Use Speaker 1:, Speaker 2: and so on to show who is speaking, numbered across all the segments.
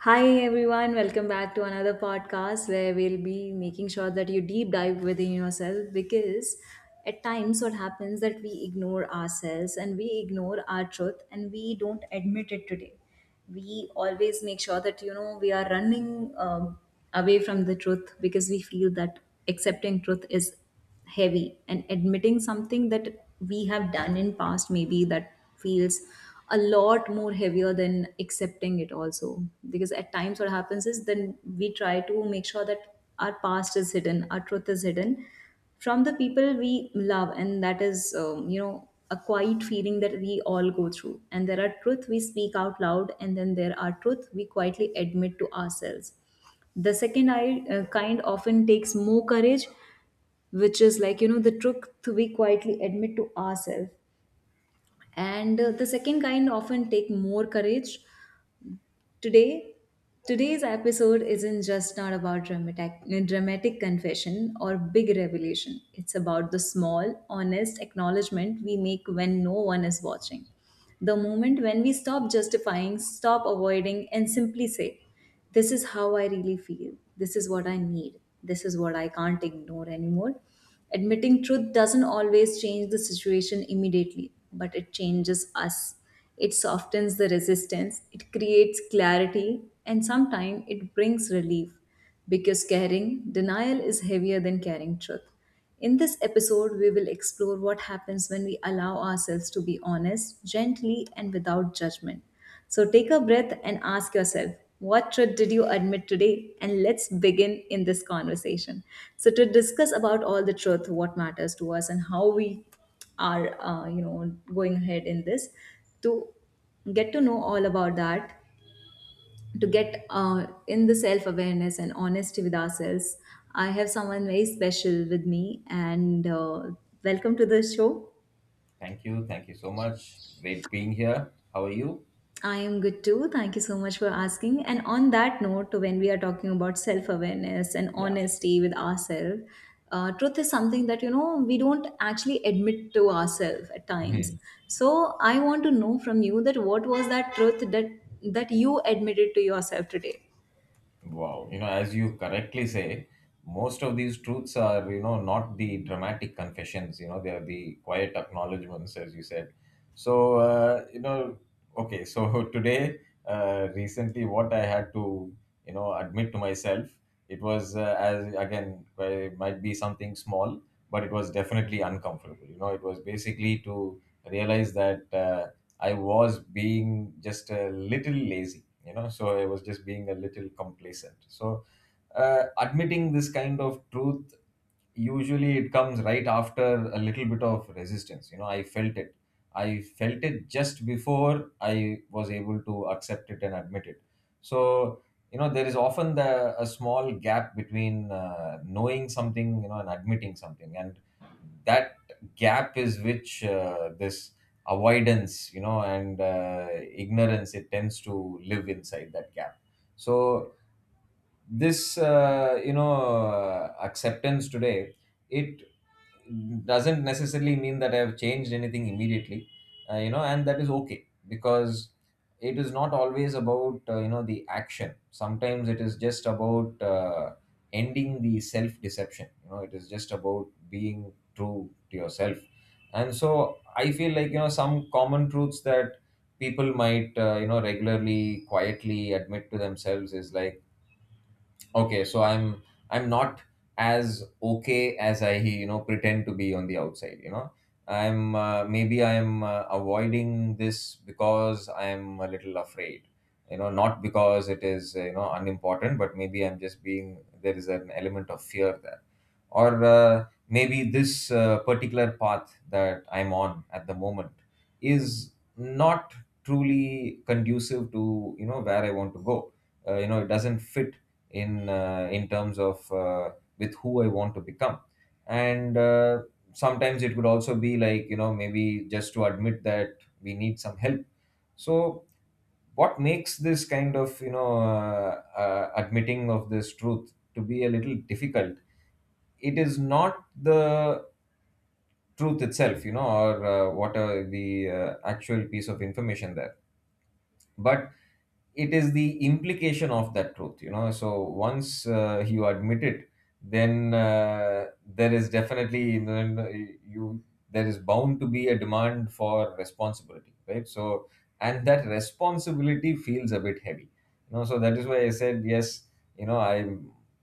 Speaker 1: Hi everyone, welcome back to another podcast where we'll be making sure that you deep dive within yourself, because at times what happens that we ignore ourselves and we ignore our truth and we don't admit it today. We always make sure that you know we are running away from the truth because we feel that accepting truth is heavy, and admitting something that we have done in past maybe, that feels a lot more heavier than accepting it also. Because at times what happens is then we try to make sure that our past is hidden, our truth is hidden from the people we love, and that is you know a quiet feeling that we all go through. And there are truth we speak out loud, and then there are truth we quietly admit to ourselves. The second kind often takes more courage, which is like you know the truth we quietly admit to ourselves, and the second kind often take more courage. Today today's episode isn't just not about dramatic confession or big revelation. It's about the small honest acknowledgement we make when no one is watching, the moment when we stop justifying, stop avoiding, and simply say, this is how I really feel. This is what I need. This is what I can't ignore anymore. Admitting truth doesn't always change the situation immediately, but it changes us. It softens the resistance, it creates clarity, and sometimes it brings relief, because caring denial is heavier than caring truth. In this episode, we will explore what happens when we allow ourselves to be honest, gently, and without judgment. So take a breath and ask yourself, what truth did you admit today? And let's begin in this conversation. So to discuss about all the truth, what matters to us, and how we are, you know, going ahead in this to get to know all about that, to get in the self awareness and honesty with ourselves. I have someone very special with me, and welcome to the show.
Speaker 2: Thank you. Thank you so much. Great being here. How are you?
Speaker 1: I am good too. Thank you so much for asking. And on that note, when we are talking about self awareness and
Speaker 2: Yeah.
Speaker 1: honesty with ourselves, truth is something that you know we don't actually admit to ourselves at times. So I want to know from you that what was that truth that you admitted to yourself today?
Speaker 2: Wow. You know, as you correctly say, most of these truths are, you know, not the dramatic confessions, you know, they are the quiet acknowledgements, as you said. So, okay, so today, recently, what I had to, you know, admit to myself, it was, as again, well, it might be something small, but it was definitely uncomfortable. You know, it was basically to realize that I was being just a little lazy, you know, so I was just being a little complacent. So admitting this kind of truth usually it comes right after a little bit of resistance. You know, I felt it just before I was able to accept it and admit it. So you know, there is often a small gap between knowing something, you know, and admitting something, and that gap is which, this avoidance, you know, and ignorance, it tends to live inside that gap. So this, acceptance today, it doesn't necessarily mean that I have changed anything immediately. You know, and that is okay, because it is not always about, you know, the action. Sometimes it is just about, ending the self deception, you know, it is just about being true to yourself. And so I feel like, you know, some common truths that people might, you know, regularly quietly admit to themselves is like, okay, so I'm not as okay as I, you know, pretend to be on the outside. You know, I'm, maybe I'm avoiding this because I'm a little afraid. You know, not because it is, you know, unimportant, but maybe I'm just being, there is an element of fear there, or maybe this, particular path that I'm on at the moment is not truly conducive to, you know, where I want to go. You know, it doesn't fit in, in terms of, with who I want to become. And sometimes it could also be like, you know, maybe just to admit that we need some help. So what makes this kind of, admitting of this truth to be a little difficult? It is not the truth itself, you know, or what are the actual piece of information there, but it is the implication of that truth. You know, so once you admit it, then there is definitely then you there is bound to be a demand for responsibility, right? So and that responsibility feels a bit heavy, you know, so that is why I said, yes, you know, I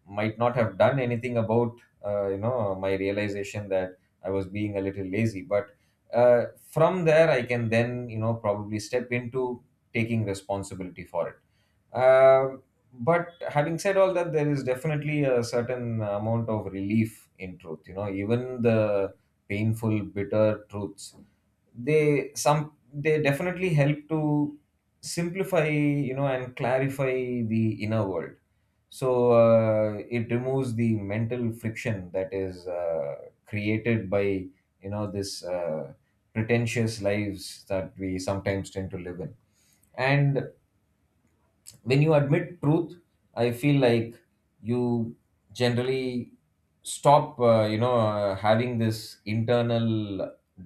Speaker 2: might not have done anything about, you know, my realization that I was being a little lazy, but uh, from there I can then, you know, probably step into taking responsibility for it. Um but having said all that, there is definitely a certain amount of relief in truth. You know, even the painful, bitter truths, they definitely help to simplify, you know, and clarify the inner world. So it removes the mental friction that is, created by, you know, this, pretentious lives that we sometimes tend to live in. And when you admit truth, I feel like you generally stop, having this internal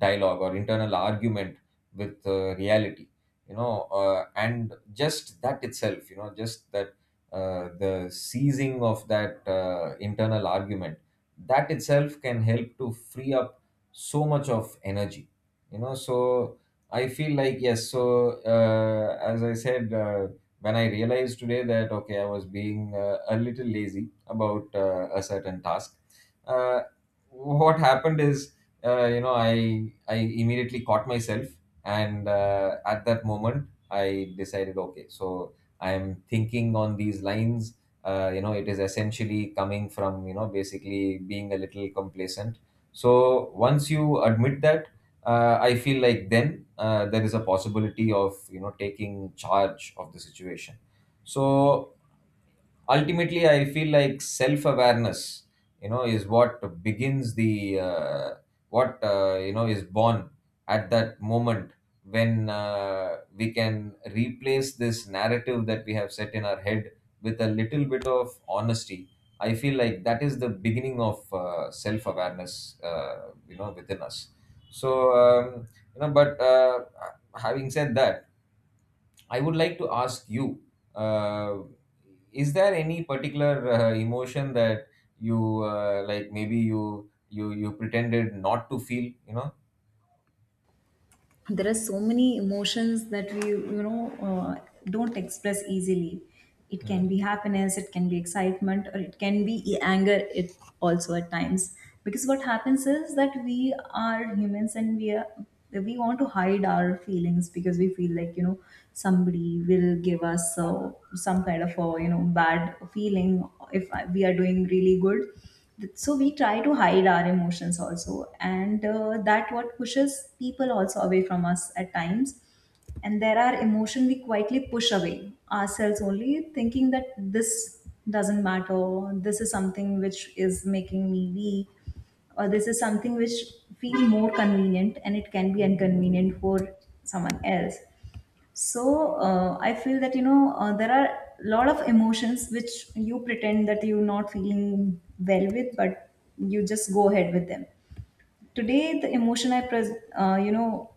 Speaker 2: dialogue or internal argument with, reality. And just that itself, you know, just that, the seizing of that, internal argument, that itself can help to free up so much of energy. You know, so I feel like, yes, so as I said, when I realized today that okay, I was being, a little lazy about, a certain task. Uh, what happened is, you know, I immediately caught myself, and at that moment, I decided, okay, so I am thinking on these lines. You know, it is essentially coming from, you know, basically being a little complacent. So once you admit that, I feel like then, there is a possibility of, you know, taking charge of the situation. So ultimately I feel like self awareness, you know, is what begins the, what, you know, is born at that moment when, we can replace this narrative that we have set in our head with a little bit of honesty. I feel like that is the beginning of, self awareness, uh, you know, within us. So, um, you know, but having said that, I would like to ask you, uh, is there any particular, emotion that you, like? Maybe you pretended not to feel. You know.
Speaker 1: There are so many emotions that we you know don't express easily. It can
Speaker 2: Mm.
Speaker 1: be happiness, it can be excitement, or it can be anger it also at times, because what happens is that we are humans, and we are we want to hide our feelings because we feel like you know somebody will give us some kind of a you know bad feeling if we are doing really good. So we try to hide our emotions also, and that what pushes people also away from us at times. And there are emotion we quietly push away ourselves only, thinking that this doesn't matter, this is something which is making me weak, or this is something which feel more convenient and it can be inconvenient for someone else. So I feel that you know there are a lot of emotions which you pretend that you're not feeling well with, but you just go ahead with them. Today, the emotion I you know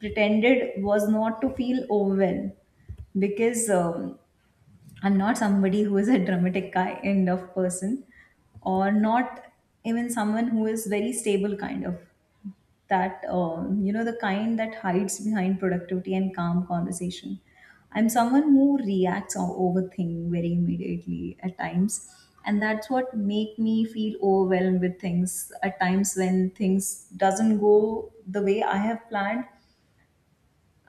Speaker 1: pretended was not to feel overwhelmed, because I'm not somebody who is a dramatic kind of person, or not even someone who is very stable kind of, that you know the kind that hides behind productivity and calm conversation. I'm someone who reacts or overthink very immediately at times, and that's what make me feel overwhelmed with things at times when things doesn't go the way I have planned.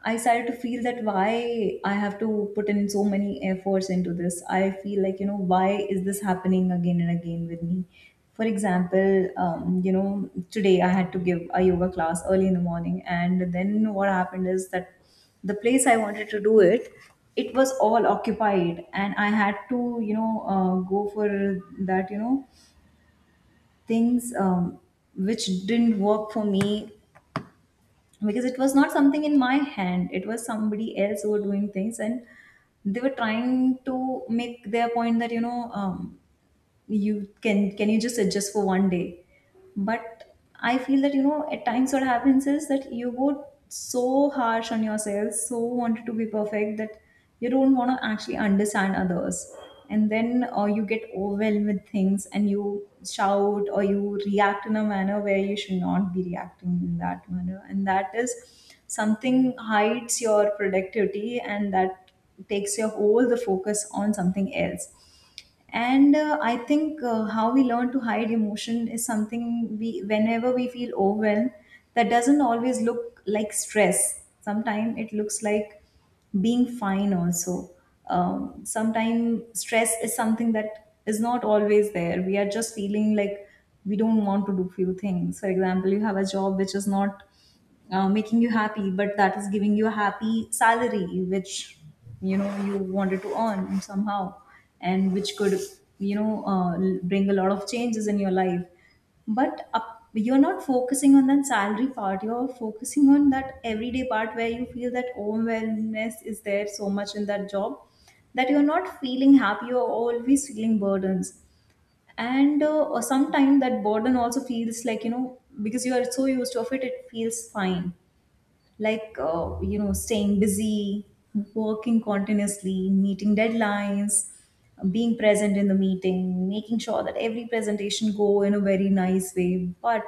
Speaker 1: I started to feel that why I have to put in so many efforts into this. I feel like, you know, why is this happening again and again with me? For example, you know, today I had to give a yoga class early in the morning. And then what happened is that the place I wanted to do it, it was all occupied. And I had to, you know, go for that, you know, things which didn't work for me, because it was not something in my hand, it was somebody else who were doing things. And they were trying to make their point that you know you can you just adjust for one day? But I feel that you know at times what happens is that you go so harsh on yourself, so wanted to be perfect, that you don't want to actually understand others, and then or you get overwhelmed with things and you shout or you react in a manner where you should not be reacting in that manner. And that is something, hides your productivity, and that takes your all the focus on something else. And I think how we learn to hide emotion is something we, whenever we feel overwhelmed, that doesn't always look like stress. Sometimes it looks like being fine also. Sometimes stress is something that is not always there, we are just feeling like we don't want to do few things. For example, you have a job which is not making you happy, but that is giving you a happy salary which you know you wanted to earn somehow, and which could you know bring a lot of changes in your life. But up, you're not focusing on that salary part, you're focusing on that everyday part, where you feel that overwhelmness is there so much in that job, that you're not feeling happy, you're always feeling burdens. And sometimes that burden also feels like you know, because you are so used to of it, it feels fine. Like you know, staying busy, working continuously, meeting deadlines, being present in the meeting, making sure that every presentation go in a very nice way. But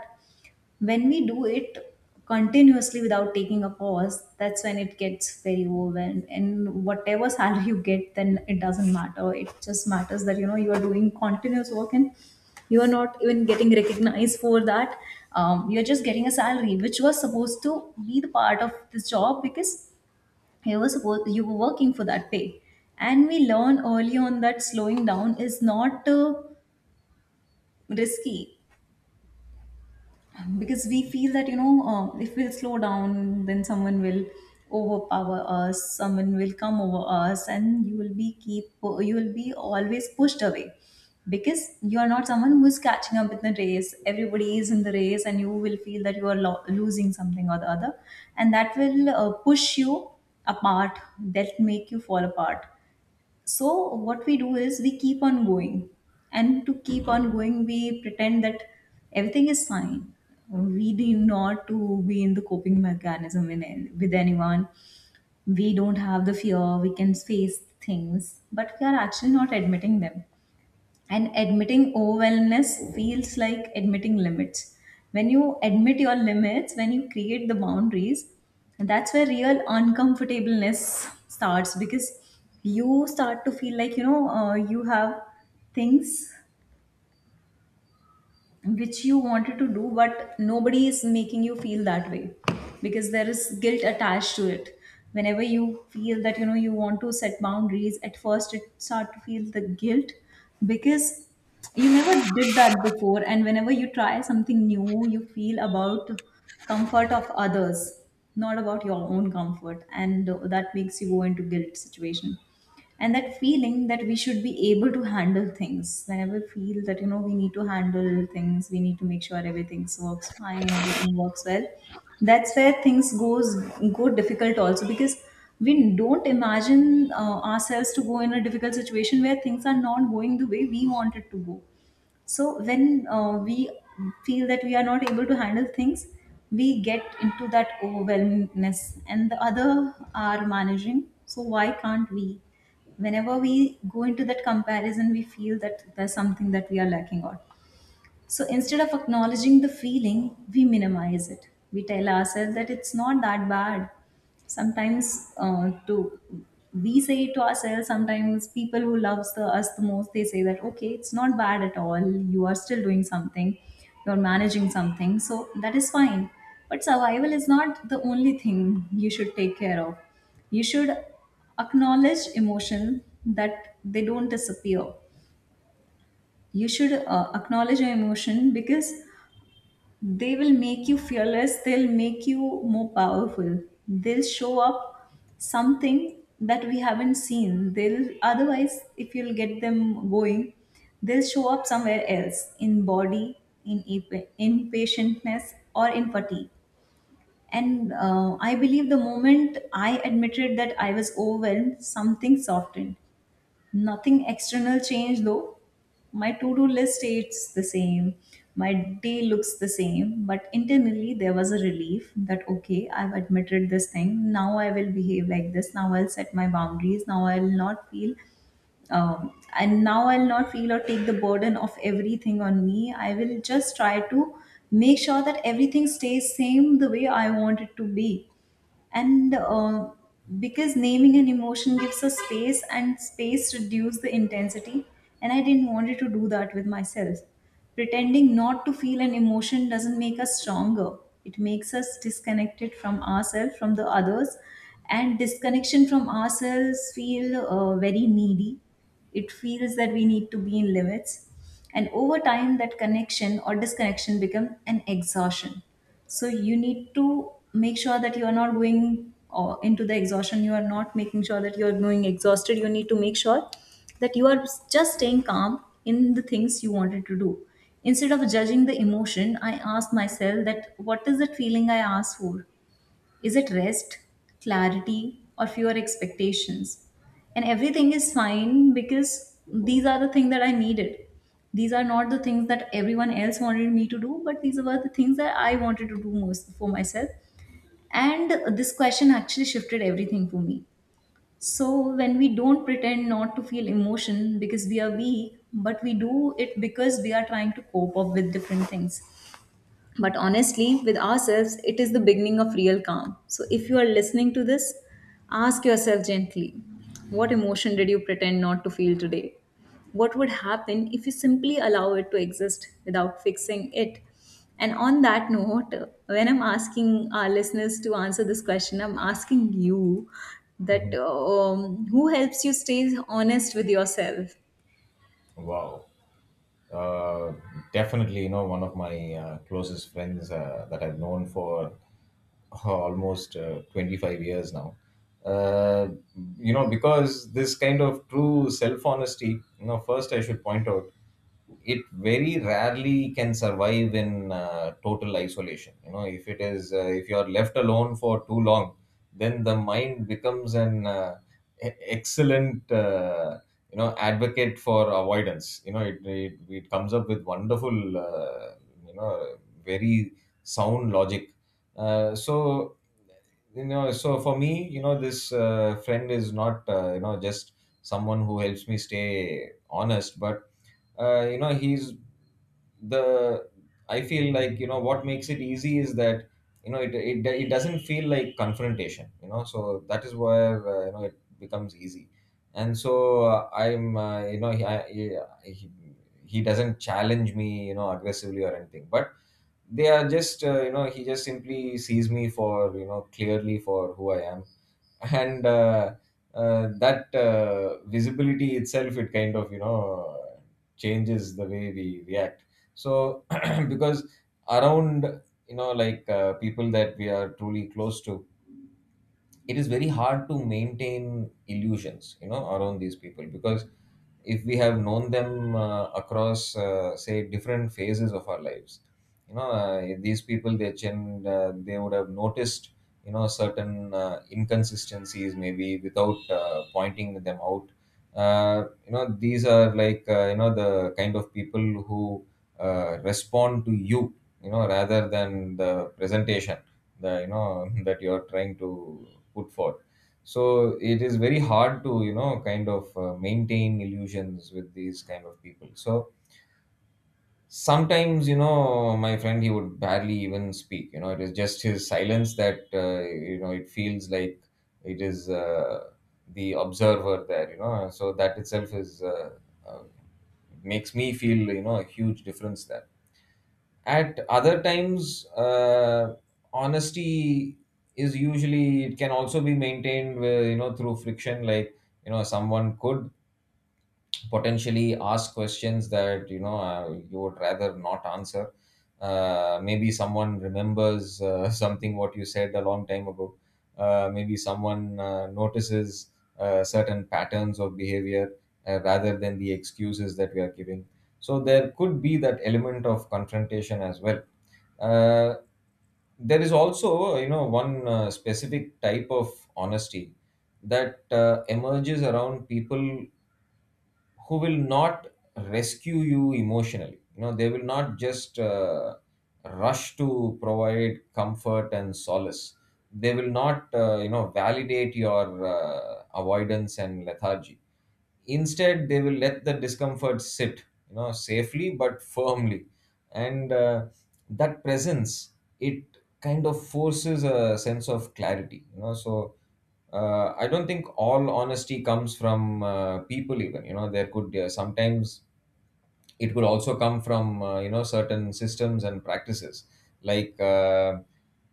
Speaker 1: when we do it continuously without taking a pause, that's when it gets very overwhelmed, and whatever salary you get then, it doesn't matter, it just matters that you know you are doing continuous work, and you are not even getting recognized for that. You're just getting a salary which was supposed to be the part of this job, because you were supposed, you were working for that pay. And we learn early on that slowing down is not risky, because we feel that you know if we'll slow down, then someone will overpower us, someone will come over us, and you will be keep, you will be always pushed away, because you are not someone who is catching up with the race. Everybody is in the race, and you will feel that you are losing something or the other, and that will push you apart, that make you fall apart. So what we do is we keep on going, and to keep on going we pretend that everything is fine. We do not to be in the coping mechanism in, with anyone. We don't have the fear, we can face things, but we are actually not admitting them. And admitting overwhelmness feels like admitting limits. When you admit your limits, when you create the boundaries, that's where real uncomfortableness starts, because you start to feel like, you know, you have things which you wanted to do, but nobody is making you feel that way, because there is guilt attached to it. Whenever you feel that you know you want to set boundaries, at first it start to feel the guilt, because you never did that before, and whenever you try something new, you feel about comfort of others, not about your own comfort, and that makes you go into guilt situation. And that feeling that we should be able to handle things, whenever we feel that you know we need to handle things, we need to make sure everything works fine, everything works well, that's where things goes go difficult also, because we don't imagine ourselves to go in a difficult situation where things are not going the way we want it to go. So when we feel that we are not able to handle things, we get into that overwhelmedness, and the other are managing. So why can't we? Whenever we go into that comparison, we feel that there's something that we are lacking on. So instead of acknowledging the feeling, we minimize it. We tell ourselves that it's not that bad. Sometimes to we say it to ourselves. Sometimes people who loves us the most, they say that okay, it's not bad at all. You are still doing something. You're managing something, so that is fine. But survival is not the only thing you should take care of. You should acknowledge emotion that they don't disappear. You should acknowledge your emotion, because they will make you fearless, they'll make you more powerful, they'll show up something that we haven't seen. They'll otherwise, if you'll get them going, they'll show up somewhere else in body, in impatientness or in fatigue. And I believe the moment I admitted that I was overwhelmed, something softened. Nothing external changed though. My to-do list stays the same, my day looks the same, but internally there was a relief that okay, I've admitted this thing, now I will behave like this, now I'll set my boundaries, now I'll not feel um, and now I'll not feel or take the burden of everything on me. I will just try to make sure that everything stays same the way I want it to be. And Because naming an emotion gives us space, and space reduces the intensity. And I didn't want it to do that with myself. Pretending not to feel an emotion doesn't make us stronger. It makes us disconnected from ourselves, from the others, and disconnection from ourselves feel very needy. It feels that we need to be in limits, and over time, that connection or disconnection become an exhaustion. So you need to make sure that you are not going into the exhaustion, you are not making sure that you are going exhausted. You need to make sure that you are just staying calm in the things you wanted to do. Instead of judging the emotion, I asked myself that what is that feeling I asked for. Is it rest, clarity, or fewer expectations? And everything is fine, because these are the things that I needed. These are not the things that everyone else wanted me to do, but these were the things that I wanted to do most for myself. And this question actually shifted everything for me. So when we don't pretend not to feel emotion because we are weak, but we do it because we are trying to cope up with different things, but honestly with ourselves, it is the beginning of real calm. So if you are listening to this, ask yourself gently, what emotion did you pretend not to feel today? What would happen if you simply allow it to exist without fixing it? And on that note, when I'm asking our listeners to answer this question, I'm asking you that
Speaker 2: Mhm.
Speaker 1: who helps you stay honest with yourself?
Speaker 2: Wow. Uh, definitely, you know, one of my, closest friends that I've known for almost 25 years now. uh, you know, because this kind of true self honesty, you know, first I should point out, it very rarely can survive in, total isolation. You know, if it is, if you are left alone for too long, then the mind becomes an, excellent, you know, advocate for avoidance. You know, it comes up with wonderful, you know, very sound logic. So, you know, so for me, you know, this, friend is not, you know, just someone who helps me stay honest, but you know, he's the, I feel like, you know, what makes it easy is that, you know, it doesn't feel like confrontation. You know, so that is where, you know, it becomes easy. And so I'm you know he, I, he, he doesn't challenge me, you know, aggressively or anything, but they are just, you know, he just simply sees me for, you know, clearly for who I am. And that visibility itself, it kind of, you know, changes the way we react. So because around, you know, like, people that we are truly close to, it is very hard to maintain illusions, you know, around these people, because if we have known them, across, say, different phases of our lives, you know, these people, they they would have noticed, you know, certain, inconsistencies, maybe without, pointing them out. You know, these are like, you know, the kind of people who, respond to you, you know, rather than the presentation that, you know, that you're trying to put forth. So it is very hard to, you know, kind of, maintain illusions with these kind of people. So sometimes, you know, my friend, he would barely even speak. You know, it is just his silence that, you know, it feels like it is, the observer there, you know, so that itself is, uh, makes me feel, you know, a huge difference there. At other times, honesty is usually, it can also be maintained with, you know, through friction, like, you know, someone could potentially ask questions that, you know, you would rather not answer. Maybe someone remembers, something what you said a long time ago. Maybe someone, notices, certain patterns of behavior, rather than the excuses that we are giving. So there could be that element of confrontation as well. uh, there is also, you know, one, specific type of honesty that, emerges around people who will not rescue you emotionally. You know, they will not just, rush to provide comfort and solace. They will not, you know, validate your avoidance and lethargy, instead they will let the discomfort sit, you know, safely but firmly. And That presence, it kind of forces a sense of clarity, you know. So I don't think all honesty comes from people even, you know. There could sometimes, it could also come from you know, certain systems and practices, like uh,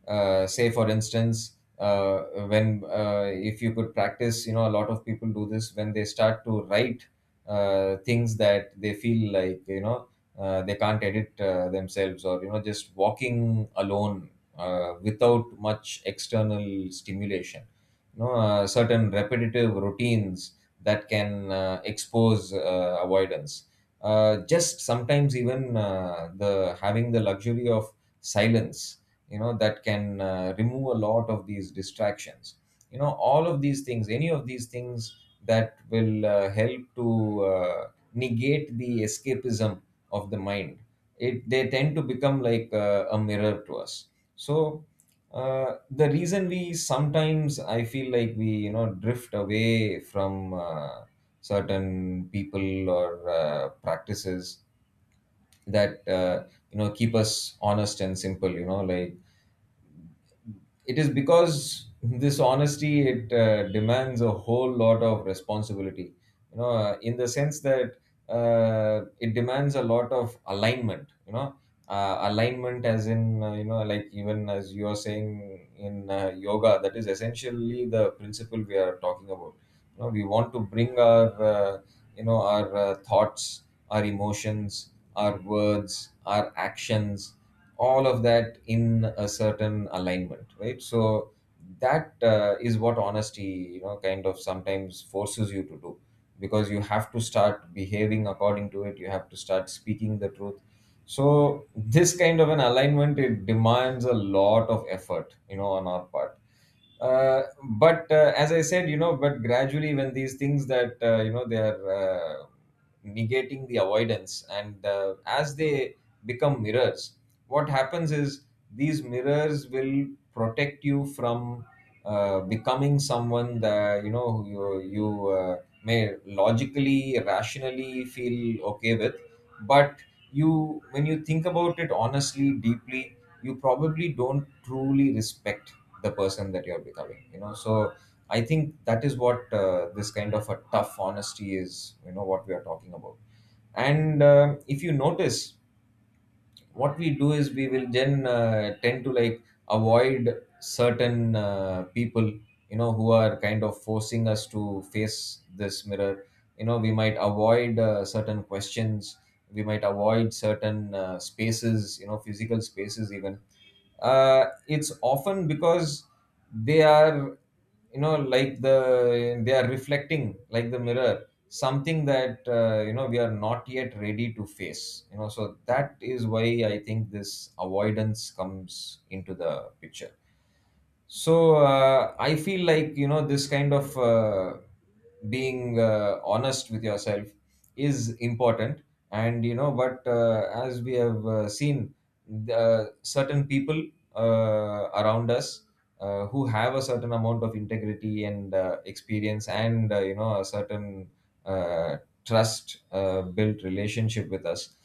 Speaker 2: uh, say for instance, when, if you could practice, you know. A lot of people do this when they start to write things that they feel like, you know, they can't edit themselves, or you know, just walking alone without much external stimulation, you know. Certain repetitive routines that can expose avoidance, just sometimes even the having the luxury of silence, you know, that can remove a lot of these distractions, you know. All of these things, any of these things, that will help to negate the escapism of the mind, it they tend to become like a mirror to us. So the reason we sometimes, I feel like, we, you know, drift away from certain people or practices that you know, keep us honest and simple. You know, like, it is because this honesty, it demands a whole lot of responsibility, you know, in the sense that it demands a lot of alignment, you know. Alignment as in, you know, like, even as you are saying in yoga, that is essentially the principle we are talking about. You know, we want to bring our you know, our thoughts, our emotions, our words, our actions, all of that in a certain alignment, right? So that is what honesty, you know, kind of sometimes forces you to do, because you have to start behaving according to it, you have to start speaking the truth. So this kind of an alignment, it demands a lot of effort, you know, on our part. uh, but as I said, you know, but gradually, when these things that you know, they are negating the avoidance, and as they become mirrors, what happens is these mirrors will protect you from becoming someone that, you know, who you may logically, rationally feel okay with, but you when you think about it honestly, deeply, you probably don't truly respect the person that you're becoming, you know. So I think that is what this kind of a tough honesty is, you know, what we are talking about. And if you notice, what we do is we will then tend to, like, avoid certain people, you know, who are kind of forcing us to face this mirror. You know, we might avoid certain questions, we might avoid certain spaces, you know, physical spaces even. It's often because they are, you know, like, they are reflecting, like the mirror, something that you know, we are not yet ready to face, you know. So that is why I think this avoidance comes into the picture. So I feel like, you know, this kind of being honest with yourself is important, and you know, but as we have seen, certain people around us who have a certain amount of integrity and experience, and you know, a certain uh, trust built relationship with us.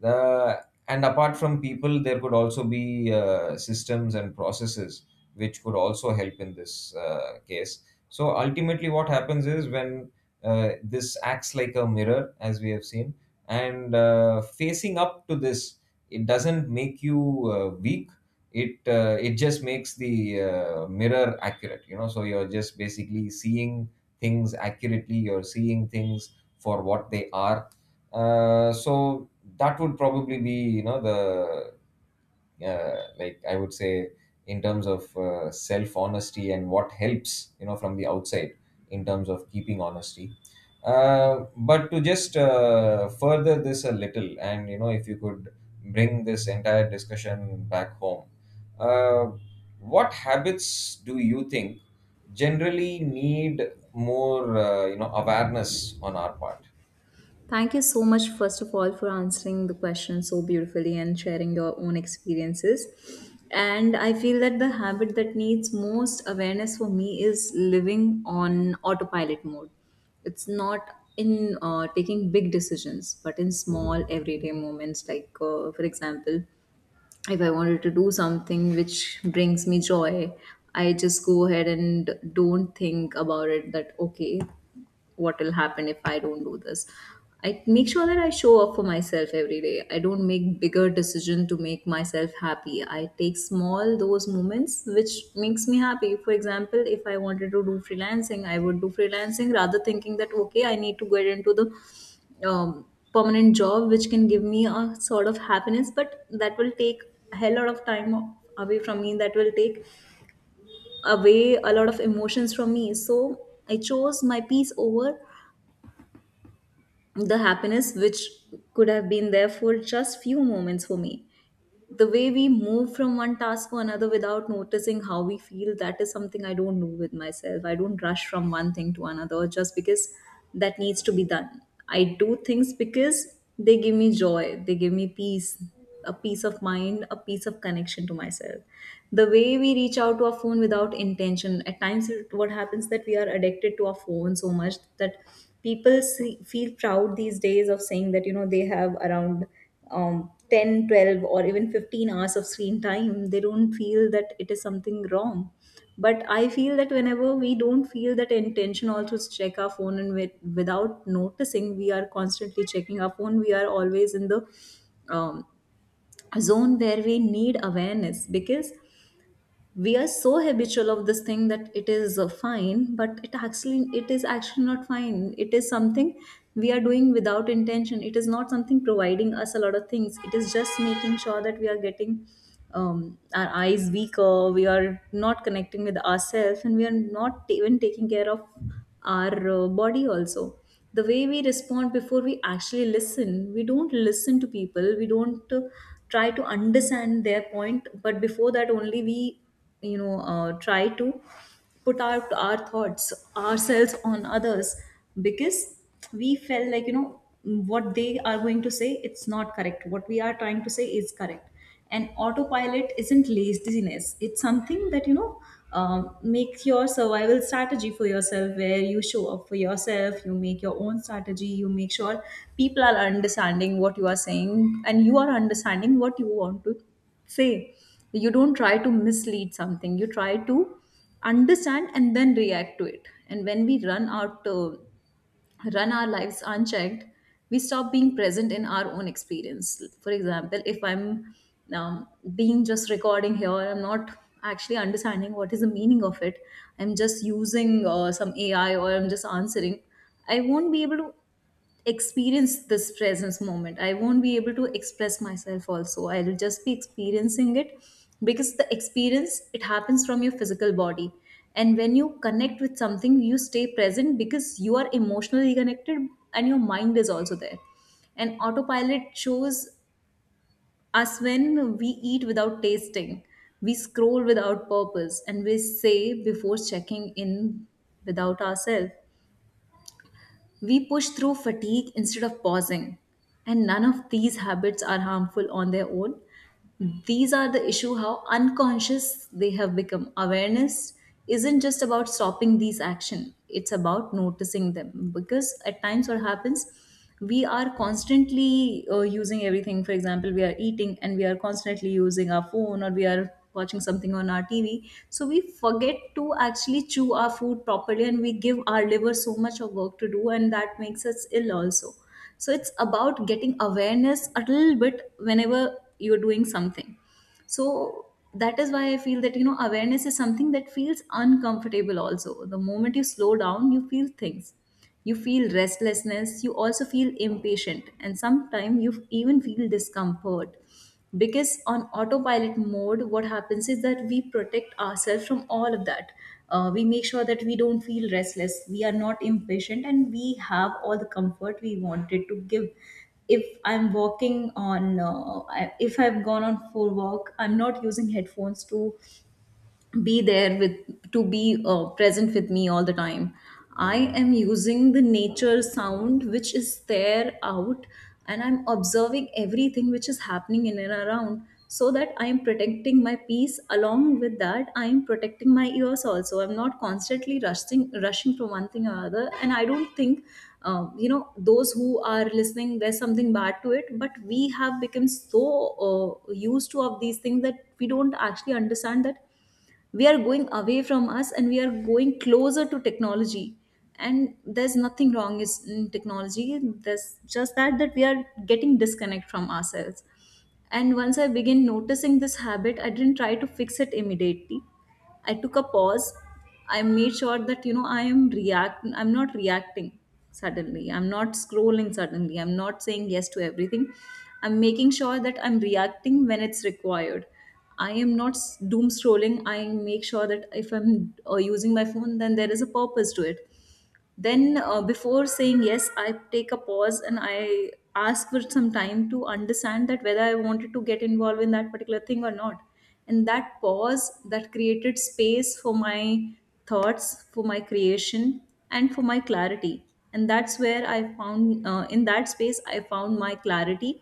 Speaker 2: The And apart from people, there could also be systems and processes which could also help in this case. So ultimately what happens is, when this acts like a mirror, as we have seen, and facing up to this, it doesn't make you weak, it just makes the mirror accurate. You know, so you're just basically seeing things accurately, you're seeing things for what they are. So that would probably be, you know, the like, I would say, in terms of self honesty and what helps, you know, from the outside, in terms of keeping honesty. But to just further this a little, and you know, if you could bring this entire discussion back home, uh, what habits do you think generally need more you know, awareness on our part?
Speaker 1: Thank you so much, first of all, for answering the question so beautifully and sharing your own experiences. And I feel that the habit that needs most awareness for me is living on autopilot mode. It's not in taking big decisions, but in small everyday moments, like, for example, if I wanted to do something which brings me joy, I just go ahead and don't think about it that, okay, what will happen if I don't do this. I make sure that I show up for myself every day. I don't make bigger decision to make myself happy. I take small those moments which makes me happy. For example, if I wanted to do freelancing, I would do freelancing rather thinking that okay, I need to get into the um, permanent job which can give me a sort of happiness, but that will take a hell lot of time away from me, that will take away a lot of emotions from me. So I chose my peace over the happiness which could have been there for just few moments for me. The way we move from one task to another without noticing how we feel, that is something I don't do with myself. I don't rush from one thing to another just because that needs to be done. I do things because they give me joy, they give me peace, a peace of mind, a piece of connection to myself. The way we reach out to our phone without intention at times, what happens that we are addicted to our phone so much that people see, feel proud these days of saying that you know they have around 10, 12, or even 15 hours of screen time. They don't feel that it is something wrong, but I feel that whenever we don't feel that intention also to check our phone, and without noticing we are constantly checking our phone, we are always in the um, zone where we need awareness, because we are so habitual of this thing that it is fine. But it is actually not fine. It is something we are doing without intention. It is not something providing us a lot of things. It is just making sure that we are getting our eyes weaker, we are not connecting with ourselves, and we are not even taking care of our body also. The way we respond before we actually listen, we don't listen to people, we don't try to understand their point, but before that only we, you know, try to put out our thoughts ourselves on others, because we felt like, you know, what they are going to say, it's not correct, what we are trying to say is correct. And autopilot isn't laziness, it's something that, you know, make your survival strategy for yourself, where you show up for yourself, you make your own strategy, you make sure people are understanding what you are saying and you are understanding what you want to say. You don't try to mislead something, you try to understand and then react to it. And when we run our lives unchecked, we stop being present in our own experience. For example, if I'm um, being just recording here, I'm not actually understanding what is the meaning of it. I'm just using some AI, or I'm just answering, I won't be able to experience this presence moment, I won't be able to express myself also, I'll just be experiencing it. Because the experience it happens from your physical body, and when you connect with something you stay present, because you are emotionally connected and your mind is also there. And autopilot shows us when we eat without tasting, we scroll without purpose, and we say before checking in without ourselves, we push through fatigue instead of pausing, and none of these habits are harmful on their own. These are the issue how unconscious they have become. Awareness isn't just about stopping these action, it's about noticing them, because at times what happens, we are constantly using everything. For example, we are eating and we are constantly using our phone, or we are watching something on our TV, so we forget to actually chew our food properly, and we give our liver so much of work to do, and that makes us ill also. So it's about getting awareness a little bit whenever you're doing something. So that is why I feel that, you know, awareness is something that feels uncomfortable also. The moment you slow down, you feel things, you feel restlessness, you also feel impatient, and sometimes you even feel discomfort, because on autopilot mode what happens is that we protect ourselves from all of that. We make sure that we don't feel restless, we are not impatient, and we have all the comfort we wanted to give. If I'm walking on if I've gone on for walk, I'm not using headphones to be there with, to be present with me all the time. I am using the nature sound which is there out, and I'm observing everything which is happening in and around, so that I am protecting my peace. Along with that, I am protecting my ears also. I'm not constantly rushing from one thing or other, and I don't think, you know, those who are listening, there's something bad to it, but we have become so used to of these things that we don't actually understand that we are going away from us and we are going closer to technology. And there's nothing wrong is in technology, there's just that we are getting disconnect from ourselves. And once I began noticing this habit, I didn't try to fix it immediately. I took a pause. I made sure that, you know, I'm not reacting suddenly, I'm not scrolling suddenly, I'm not saying yes to everything. I'm making sure that I'm reacting when it's required. I am not doom scrolling. I make sure that if I'm using my phone, then there is a purpose to it. Then, before saying yes, I take a pause, and I ask for some time to understand that whether I wanted to get involved in that particular thing or not. And that pause that created space for my thoughts, for my creation, and for my clarity. And that's where I found, in that space, I found my clarity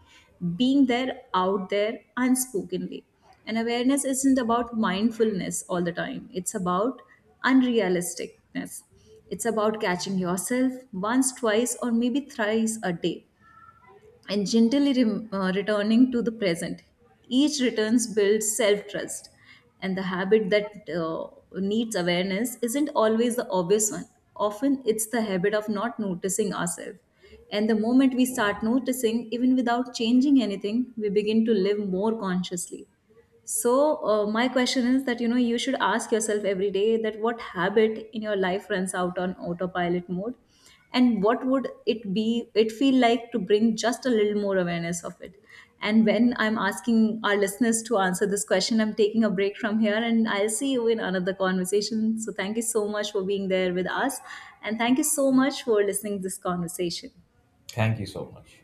Speaker 1: being there out there unspokenly. And awareness isn't about mindfulness all the time, it's about unrealisticness. It's about catching yourself once, twice, or maybe thrice a day, and gently returning to the present. Each returns builds self trust, and the habit that needs awareness isn't always the obvious one. Often, it's the habit of not noticing ourselves. And the moment we start noticing, even without changing anything, we begin to live more consciously. So, my question is that, you know, you should ask yourself every day that what habit in your life runs out on autopilot mode, and what would it be? It feel like to bring just a little more awareness of it. And when I'm asking our listeners to answer this question, I'm taking a break from here, and I'll see you in another conversation. So, thank you so much for being there with us, and thank you so much for listening to this conversation.
Speaker 2: Thank you so much.